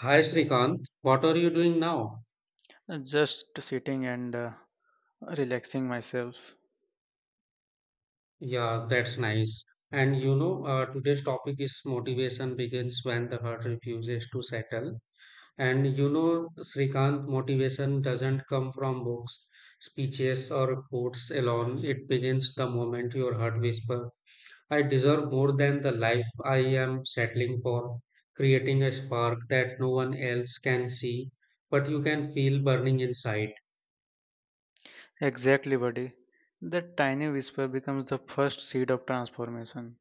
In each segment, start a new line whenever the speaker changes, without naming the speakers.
Hi Srikant, what are you doing now?
Just sitting and relaxing myself.
Yeah, that's nice. And you know, today's topic is motivation begins when the heart refuses to settle. And you know, Srikant, motivation doesn't come from books, speeches, or quotes alone. It begins the moment your heart whispers, I deserve more than the life I am settling for, creating a spark that no one else can see, but you can feel burning inside.
Exactly, buddy. That tiny whisper becomes the first seed of transformation,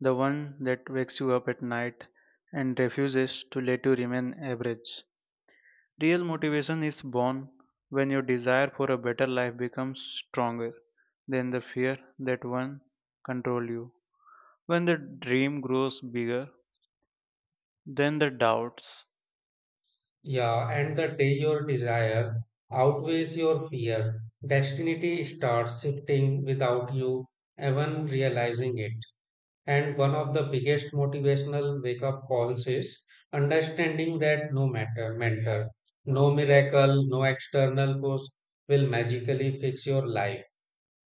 the one that wakes you up at night and refuses to let you remain average. Real motivation is born when your desire for a better life becomes stronger than the fear that one control you. When the dream grows bigger than the doubts.
Yeah, and the day your desire outweighs your fear, destiny starts shifting without you even realizing it. And one of the biggest motivational wake up calls is understanding that no matter, mentor, no miracle, no external force will magically fix your life.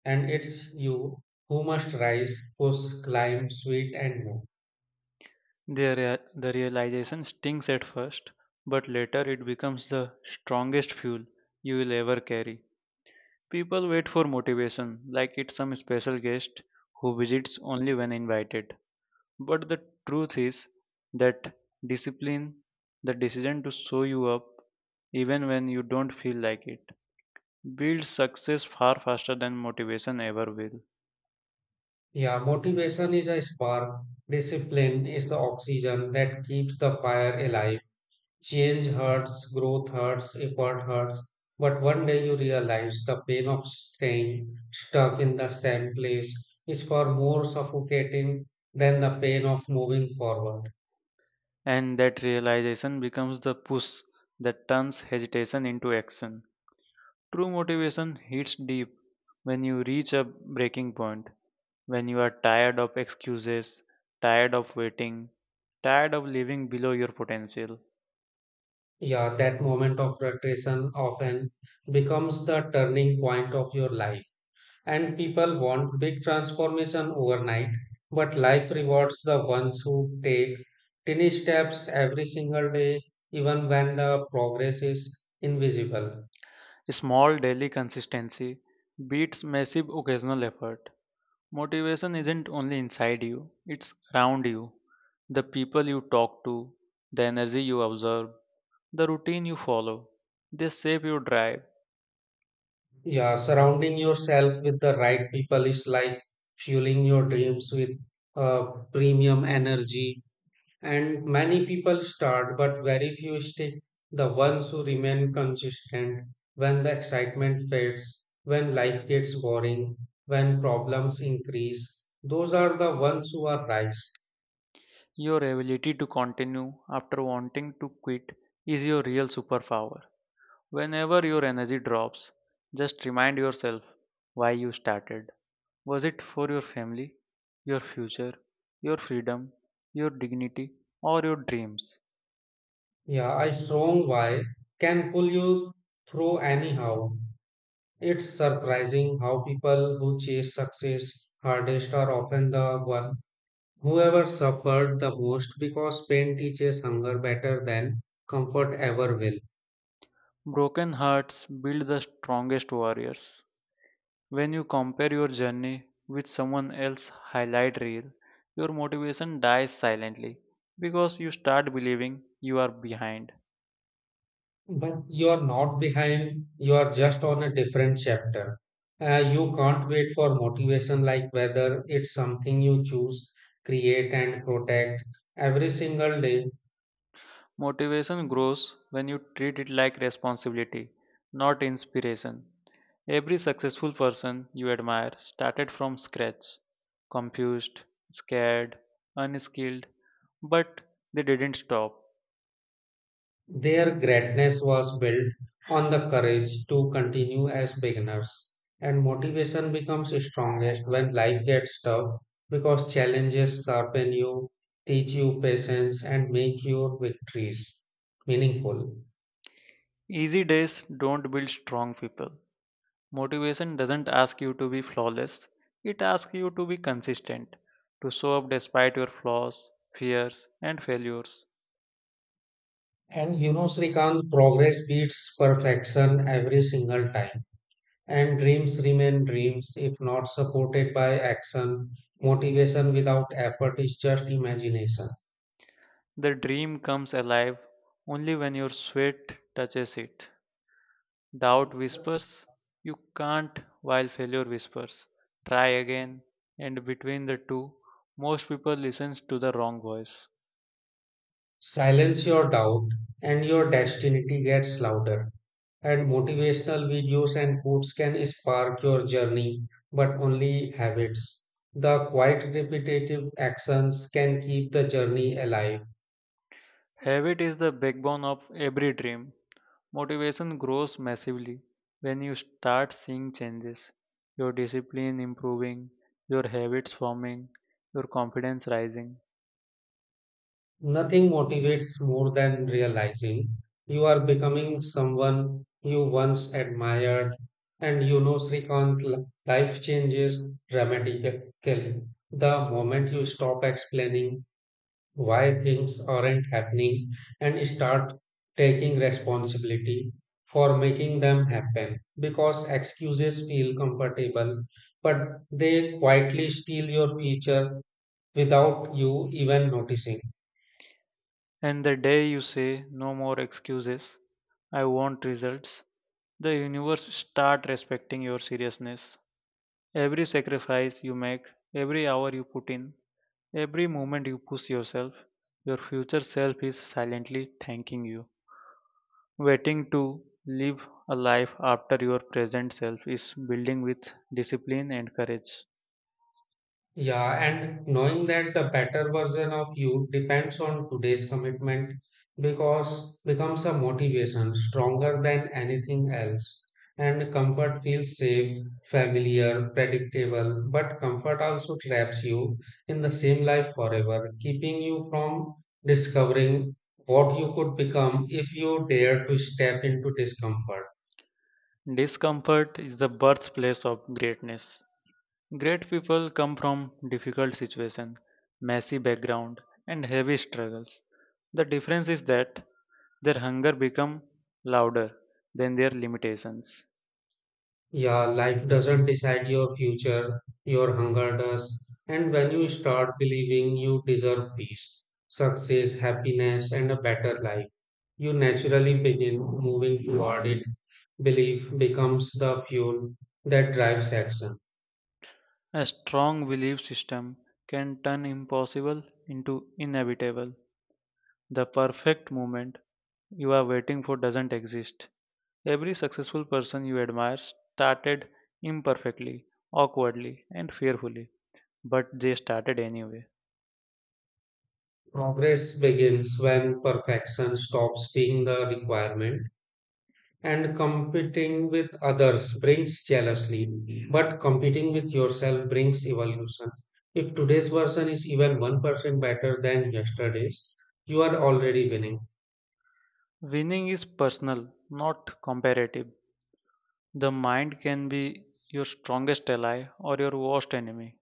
And it's you who must rise, push, climb, sweat, and move.
The realization stings at first, but later it becomes the strongest fuel you will ever carry. People wait for motivation like it's some special guest who visits only when invited. But the truth is that discipline, the decision to show you up even when you don't feel like it, builds success far faster than motivation ever will.
Yeah, motivation is a spark. Discipline is the oxygen that keeps the fire alive. Change hurts, growth hurts, effort hurts. But one day you realize the pain of staying stuck in the same place is far more suffocating than the pain of moving forward.
And that realization becomes the push that turns hesitation into action. True motivation hits deep when you reach a breaking point, when you are tired of excuses, tired of waiting, tired of living below your potential.
Yeah, that moment of frustration often becomes the turning point of your life. And people want big transformation overnight, but life rewards the ones who take tiny steps every single day, even when the progress is invisible.
Small daily consistency beats massive occasional effort. Motivation isn't only inside you, it's around you. The people you talk to, the energy you observe, the routine you follow, they shape your drive.
Yeah, surrounding yourself with the right people is like fueling your dreams with uh, premium energy. And many people start, but very few stick. The ones who remain consistent when the excitement fades, when life gets boring, when problems increase, those are the ones who are rise.
Your ability to continue after wanting to quit is your real superpower. Whenever your energy drops, just remind yourself why you started. Was it for your family, your future, your freedom, your dignity, or your dreams?
Yeah, a strong why can pull you through anyhow. It's surprising how people who chase success hardest are often the one whoever suffered the most because pain teaches hunger better than comfort ever will.
Broken hearts build the strongest warriors. When you compare your journey with someone else's highlight reel, your motivation dies silently because you start believing you are behind.
But you're not behind, you're just on a different chapter. You can't wait for motivation, like whether it's something you choose, create, and protect every single day.
Motivation grows when you treat it like responsibility, not inspiration. Every successful person you admire started from scratch, confused, scared, unskilled, but they didn't stop.
Their greatness was built on the courage to continue as beginners. And motivation becomes strongest when life gets tough because challenges sharpen you, teach you patience, and make your victories meaningful.
Easy days don't build strong people. Motivation doesn't ask you to be flawless, it asks you to be consistent, to show up despite your flaws, fears, and failures.
And you know, Srikant, progress beats perfection every single time. And dreams remain dreams if not supported by action. Motivation without effort is just imagination.
The dream comes alive only when your sweat touches it. Doubt whispers, you can't, while failure whispers, try again. And between the two, most people listen to the wrong voice.
Silence your doubt, and your destiny gets louder. And motivational videos and quotes can spark your journey, but only habits. The quiet, repetitive actions can keep the journey alive.
Habit is the backbone of every dream. Motivation grows massively when you start seeing changes, your discipline improving, your habits forming, your confidence rising.
Nothing motivates more than realizing you are becoming someone you once admired. And you know, Srikant, life changes dramatically the moment you stop explaining why things aren't happening and start taking responsibility for making them happen. Because excuses feel comfortable, but they quietly steal your future without you even noticing.
And the day you say no more excuses, I want results, the universe start respecting your seriousness. Every sacrifice you make, every hour you put in, every moment you push yourself, your future self is silently thanking you. Waiting to live a life after your present self is building with discipline and courage.
Yeah, and knowing that the better version of you depends on today's commitment because becomes a motivation stronger than anything else. And comfort feels safe, familiar, predictable, but comfort also traps you in the same life forever, keeping you from discovering what you could become if you dare to step into discomfort.
Discomfort is the birthplace of greatness. Great people come from difficult situation, messy background, and heavy struggles. The difference is that their hunger become louder than their limitations.
Yeah, life doesn't decide your future, your hunger does. And when you start believing you deserve peace, success, happiness, and a better life, you naturally begin moving toward it. Belief becomes the fuel that drives action.
A strong belief system can turn impossible into inevitable. The perfect moment you are waiting for doesn't exist. Every successful person you admire started imperfectly, awkwardly, and fearfully, but they started anyway.
Progress begins when perfection stops being the requirement and competing with others brings jealousy, but competing with yourself brings evolution. If today's version is even 1% better than yesterday's, you are already winning.
Winning is personal, not comparative. The mind can be your strongest ally or your worst enemy.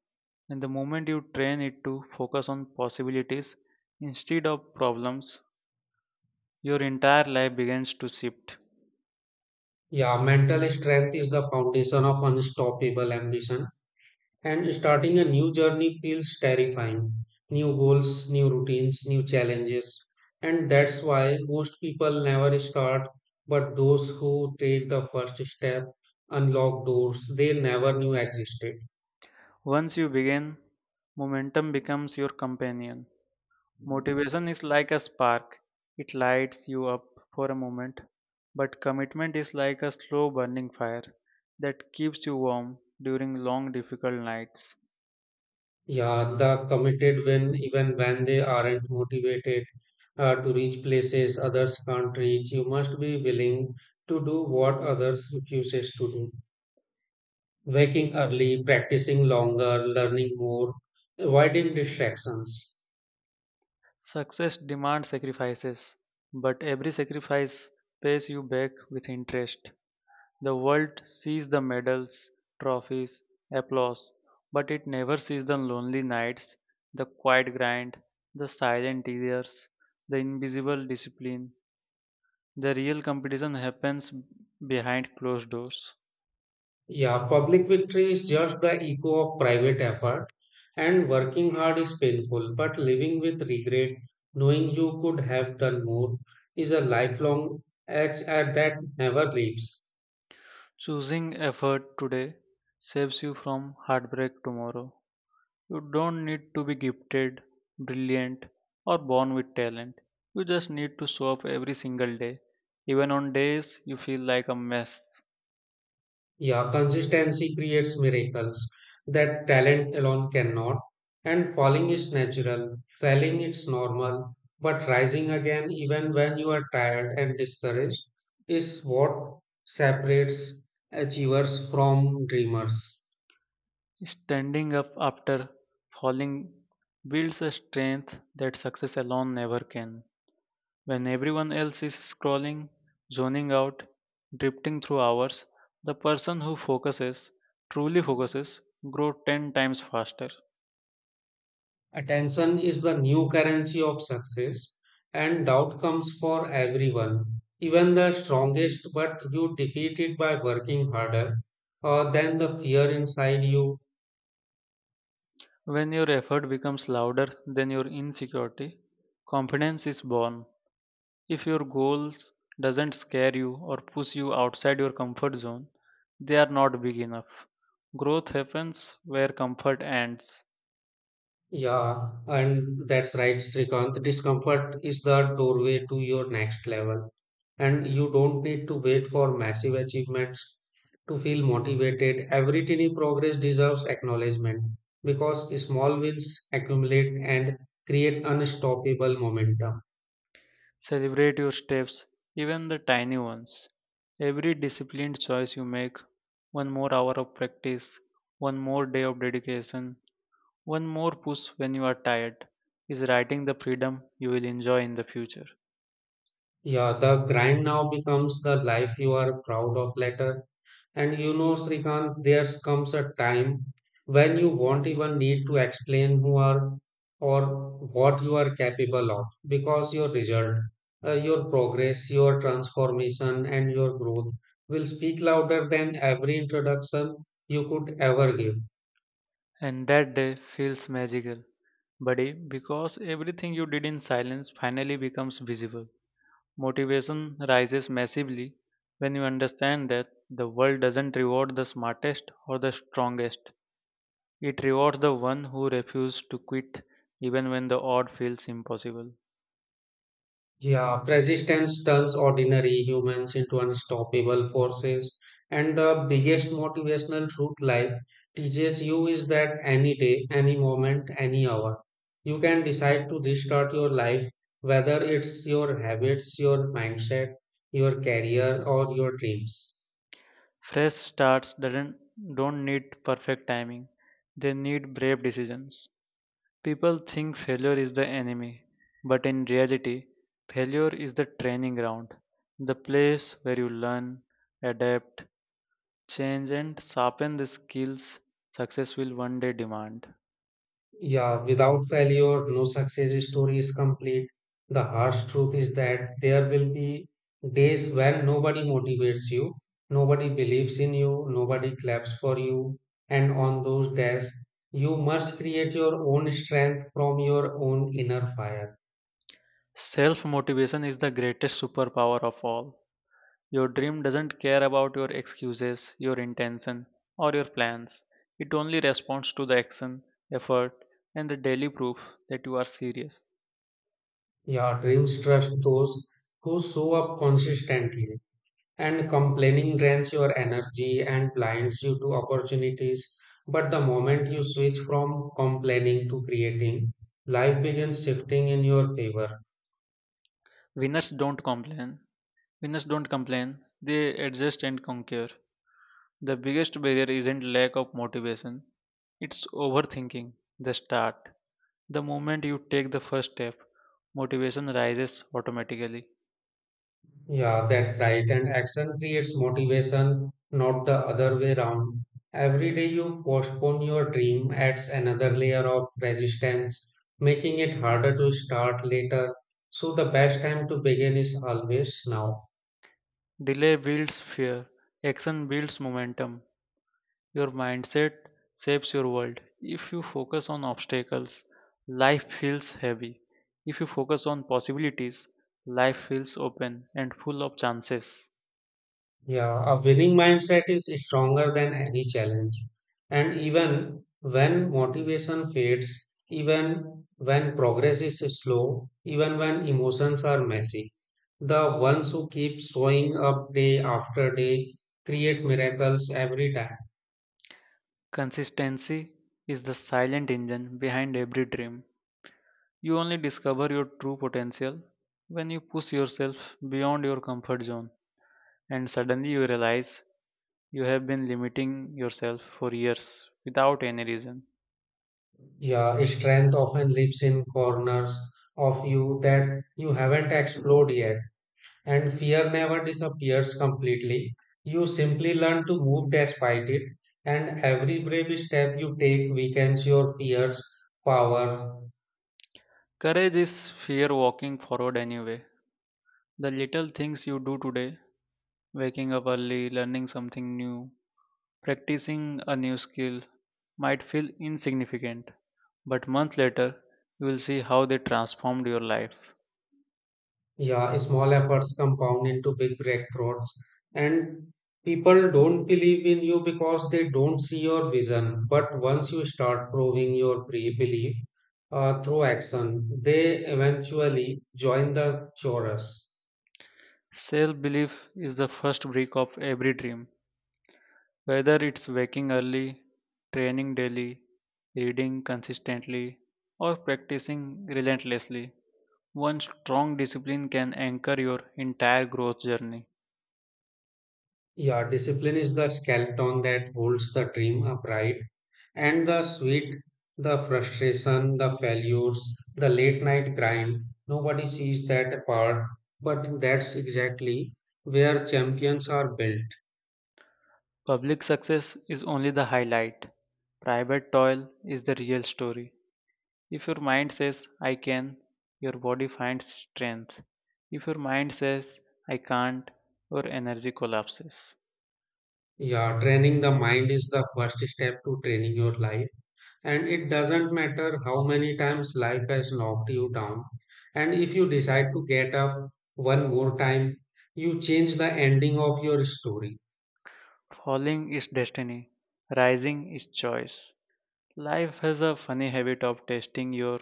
And the moment you train it to focus on possibilities instead of problems, your entire life begins to shift.
Yeah, mental strength is the foundation of unstoppable ambition. And starting a new journey feels terrifying. New goals, new routines, new challenges. And that's why most people never start, but those who take the first step unlock doors they never knew existed.
Once you begin, momentum becomes your companion. Motivation is like a spark, it lights you up for a moment, but commitment is like a slow burning fire that keeps you warm during long, difficult nights.
Yeah, the committed when even when they aren't motivated to reach places others can't reach, you must be willing to do what others refuses to do. Waking early, practicing longer, learning more, avoiding distractions.
Success demands sacrifices, but every sacrifice pays you back with interest. The world sees the medals, trophies, applause, but it never sees the lonely nights, the quiet grind, the silent tears, the invisible discipline. The real competition happens behind closed doors.
Yeah, public victory is just the echo of private effort, and working hard is painful, but living with regret, knowing you could have done more, is a lifelong act at that never leaves.
Choosing effort today saves you from heartbreak tomorrow. You don't need to be gifted, brilliant, or born with talent. You just need to show up every single day, even on days you feel like a mess.
Yeah, consistency creates miracles that talent alone cannot. And falling is natural, failing it's normal, but rising again even when you are tired and discouraged is what separates achievers from dreamers.
Standing up after falling builds a strength that success alone never can. When everyone else is scrolling, zoning out, drifting through hours, the person who focuses, truly focuses, grows 10 times faster.
Attention is the new currency of success and doubt comes for everyone. Even the strongest, but you defeat it by working harder than the fear inside you.
When your effort becomes louder than your insecurity, confidence is born. If your goals doesn't scare you or push you outside your comfort zone, they are not big enough. Growth happens where comfort ends.
Yeah, and that's right, Srikanth. Discomfort is the doorway to your next level. And you don't need to wait for massive achievements to feel motivated. Every tiny progress deserves acknowledgement because small wins accumulate and create unstoppable momentum.
Celebrate your steps, even the tiny ones. Every disciplined choice you make, one more hour of practice, one more day of dedication, one more push when you are tired, is writing the freedom you will enjoy in the future.
Yeah, the grind now becomes the life you are proud of later. And you know, Srikant, there comes a time when you won't even need to explain who are or what you are capable of because your result, your progress, your transformation, and your growth will speak louder than every introduction you could ever give.
And that day feels magical, buddy, because everything you did in silence finally becomes visible. Motivation rises massively when you understand that the world doesn't reward the smartest or the strongest. It rewards the one who refuses to quit even when the odd feels impossible.
Yeah, resistance turns ordinary humans into unstoppable forces. And the biggest motivational truth life teaches you is that any day, any moment, any hour, you can decide to restart your life, whether it's your habits, your mindset, your career, or your dreams.
Fresh starts doesn't Don't need perfect timing. They need brave decisions. People think failure is the enemy, but in reality, failure is the training ground, the place where you learn, adapt, change, and sharpen the skills success will one day demand.
Yeah, without failure, no success story is complete. The harsh truth is that there will be days when nobody motivates you, nobody believes in you, nobody claps for you. And on those days, you must create your own strength from your own inner fire.
Self motivation is the greatest superpower of all. Your dream doesn't care about your excuses, your intention, or your plans. It only responds to the action, effort, and the daily proof that you are serious.
Your dreams trust those who show up consistently. And complaining drains your energy and blinds you to opportunities. But the moment you switch from complaining to creating, life begins shifting in your favor.
Winners don't complain, Winners don't complain, they adjust and conquer. The biggest barrier isn't lack of motivation, it's overthinking the start. The moment you take the first step, motivation rises automatically.
Yeah, that's right. And action creates motivation, not the other way around. Every day you postpone your dream adds another layer of resistance, making it harder to start later. So the best time to begin is always now.
Delay builds fear, action builds momentum. Your mindset shapes your world. If you focus on obstacles, life feels heavy. If you focus on possibilities, life feels open and full of chances.
Yeah, a winning mindset is stronger than any challenge. And even when motivation fades, even when progress is slow, even when emotions are messy, the ones who keep showing up day after day create miracles every time.
Consistency is the silent engine behind every dream. You only discover your true potential when you push yourself beyond your comfort zone, and suddenly you realize you have been limiting yourself for years without any reason.
Yeah, strength often lives in corners of you that you haven't explored yet. And fear never disappears completely. You simply learn to move despite it, and every brave step you take weakens your fear's power.
Courage is fear walking forward anyway. The little things you do today, waking up early, learning something new, practicing a new skill, might feel insignificant, but months later, you will see how they transformed your life.
Yeah, small efforts compound into big breakthroughs, and people don't believe in you because they don't see your vision. But once you start proving your pre belief through action, they eventually join the chorus.
Self-belief is the first brick of every dream, whether it's waking early, training daily, reading consistently, or practicing relentlessly. One strong discipline can anchor your entire growth journey.
Yeah, discipline is the skeleton that holds the dream upright. And the sweat, the frustration, the failures, the late night grind nobody sees that part. But that's exactly where champions are built.
Public success is only the highlight. Private toil is the real story. If your mind says, I can, your body finds strength. If your mind says, I can't, your energy collapses.
Yeah, training the mind is the first step to training your life. And it doesn't matter how many times life has knocked you down. And if you decide to get up one more time, you change the ending of your story.
Falling is destiny, rising is choice. Life has a funny habit of testing your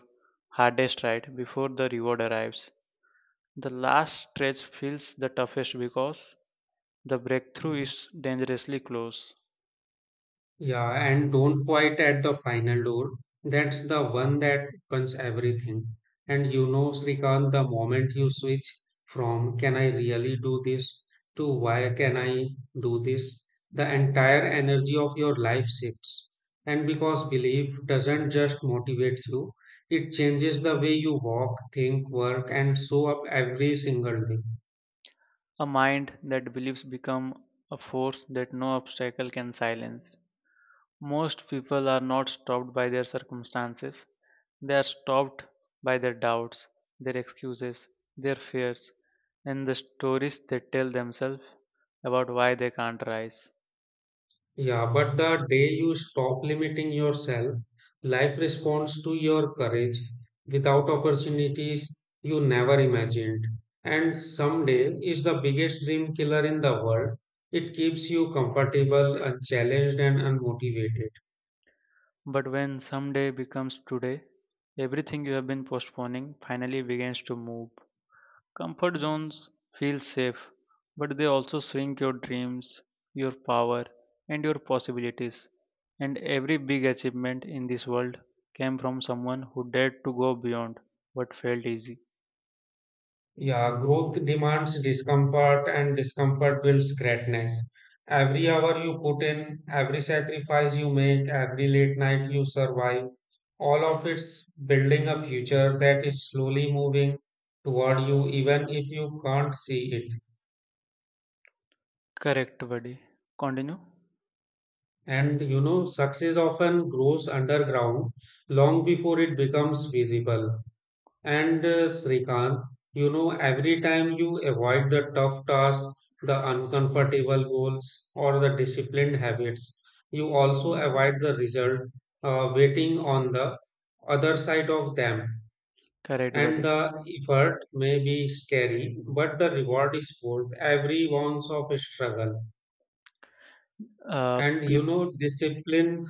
hardest right before the reward arrives. The last stretch feels the toughest because the breakthrough is dangerously close.
Yeah, and don't quite at the final door. That's the one that opens everything. And you know, Srikant, the moment you switch from can I really do this to why can I do this, the entire energy of your life shifts. And because belief doesn't just motivate you, it changes the way you walk, think, work, and show up every single day.
A mind that believes become a force that no obstacle can silence. Most people are not stopped by their circumstances. They are stopped by their doubts, their excuses, their fears, and the stories they tell themselves about why they can't rise.
Yeah, but the day you stop limiting yourself, life responds to your courage without opportunities you never imagined. And someday is the biggest dream killer in the world. It keeps you comfortable, unchallenged, and unmotivated.
But when someday becomes today, everything you have been postponing finally begins to move. Comfort zones feel safe, but they also shrink your dreams, your power, and your possibilities. And every big achievement in this world came from someone who dared to go beyond what felt easy.
Yeah, growth demands discomfort, and discomfort builds greatness. Every hour you put in, every sacrifice you make, every late night you survive, all of it's building a future that is slowly moving toward you, even if you can't see it.
Correct, buddy. Continue.
And you know, success often grows underground long before it becomes visible. And Srikanth, you know, every time you avoid the tough task, the uncomfortable goals, or the disciplined habits, you also avoid the result, waiting on the other side of them.
Correct,
And
buddy.
the effort may be scary, but the reward is worth every ounce of struggle.
Uh,
And you
peop-
know, discipline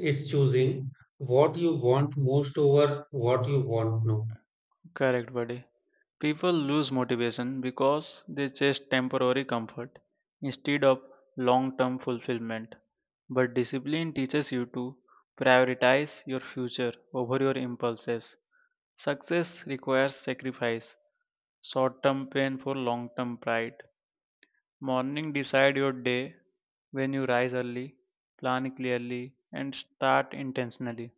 is choosing what you want most over what you want now.
Correct, buddy. People lose motivation because they chase temporary comfort instead of long term fulfillment. But discipline teaches you to prioritize your future over your impulses. Success requires sacrifice, short term pain for long term pride. Morning decide your day when you rise early, plan clearly, and start intentionally.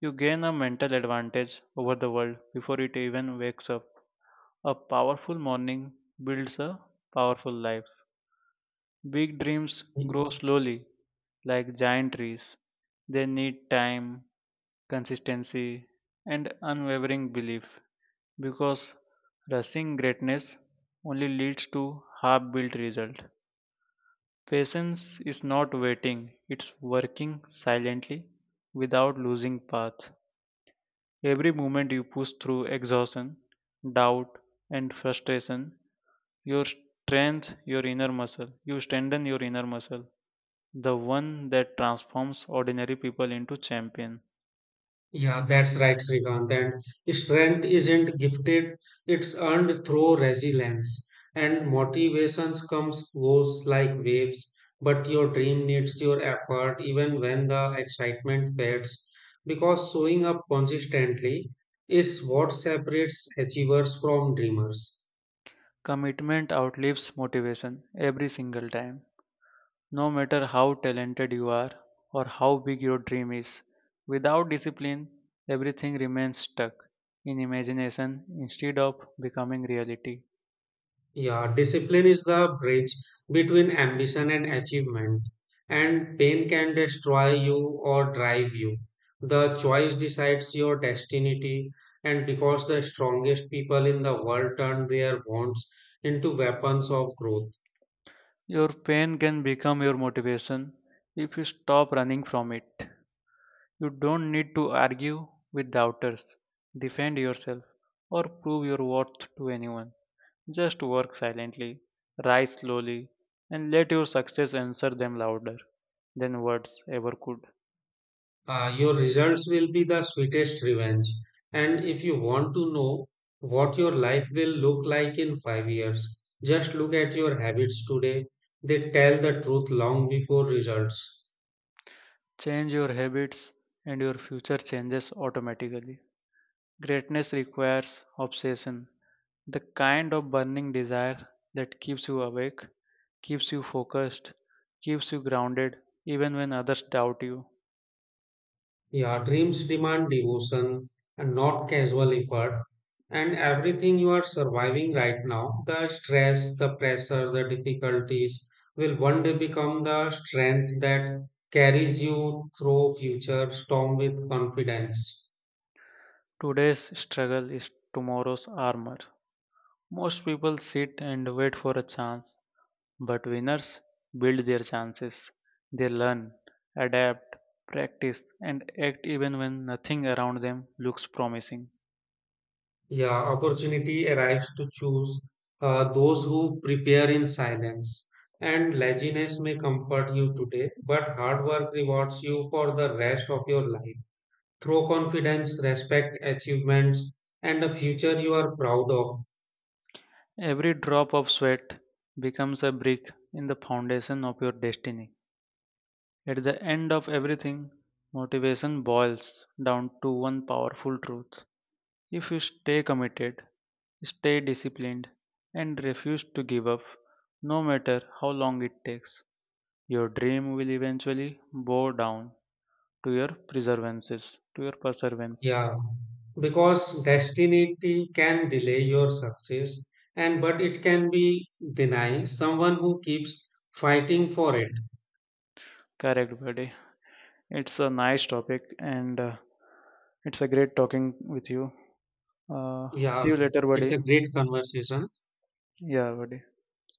You gain a mental advantage over the world before it even wakes up. A powerful morning builds a powerful life. Big dreams grow slowly, like giant trees. They need time, consistency, and unwavering belief because rushing greatness only leads to half built result. Patience is not waiting, it's working silently without losing path. Every moment you push through exhaustion, doubt, and frustration, you strengthen your inner muscle, the one that transforms ordinary people into champion.
Yeah, that's right, Srikant. And strength isn't gifted, it's earned through resilience. And motivations comes goes like waves, but your dream needs your effort even when the excitement fades. Because showing up consistently is what separates achievers from dreamers.
Commitment outlives motivation every single time. No matter how talented you are or how big your dream is, without discipline, everything remains stuck in imagination instead of becoming reality.
Yeah, discipline is the bridge between ambition and achievement, and pain can destroy you or drive you. The choice decides your destiny, and because the strongest people in the world turn their wants into weapons of growth.
Your pain can become your motivation if you stop running from it. You don't need to argue with doubters, defend yourself, or prove your worth to anyone. Just work silently, rise slowly, and let your success answer them louder than words ever could.
Your results will be the sweetest revenge. And if you want to know what your life will look like in 5 years, just look at your habits today. They tell the truth long before results.
Change your habits, and your future changes automatically. Greatness requires obsession, the kind of burning desire that keeps you awake, keeps you focused, keeps you grounded even when others doubt you.
Yeah, dreams demand devotion and not casual effort. And everything you are surviving right now, the stress, the pressure, the difficulties, will one day become the strength that carries you through future storm with confidence.
Today's struggle is tomorrow's armor. Most people sit and wait for a chance, but winners build their chances. They learn, adapt, practice, and act even when nothing around them looks promising.
Yeah, opportunity arrives to choose those who prepare in silence. And laziness may comfort you today, but hard work rewards you for the rest of your life. Through confidence, respect, achievements, and a future you are proud of.
Every drop of sweat becomes a brick in the foundation of your destiny. At the end of everything, motivation boils down to one powerful truth. If you stay committed, stay disciplined, and refuse to give up, no matter how long it takes, your dream will eventually bow down to your perseverance.
Yeah, because destiny can delay your success, and but it can be deny someone who keeps fighting for it.
Correct, buddy. It's a nice topic, and it's a great talking with you. See
Yeah,
you later,
it's
buddy.
a great conversation.
Yeah, buddy.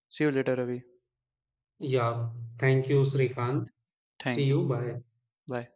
See you later, Ravi.
Yeah, thank you, Srikanth. See
Thank you.
you. Bye.
Bye.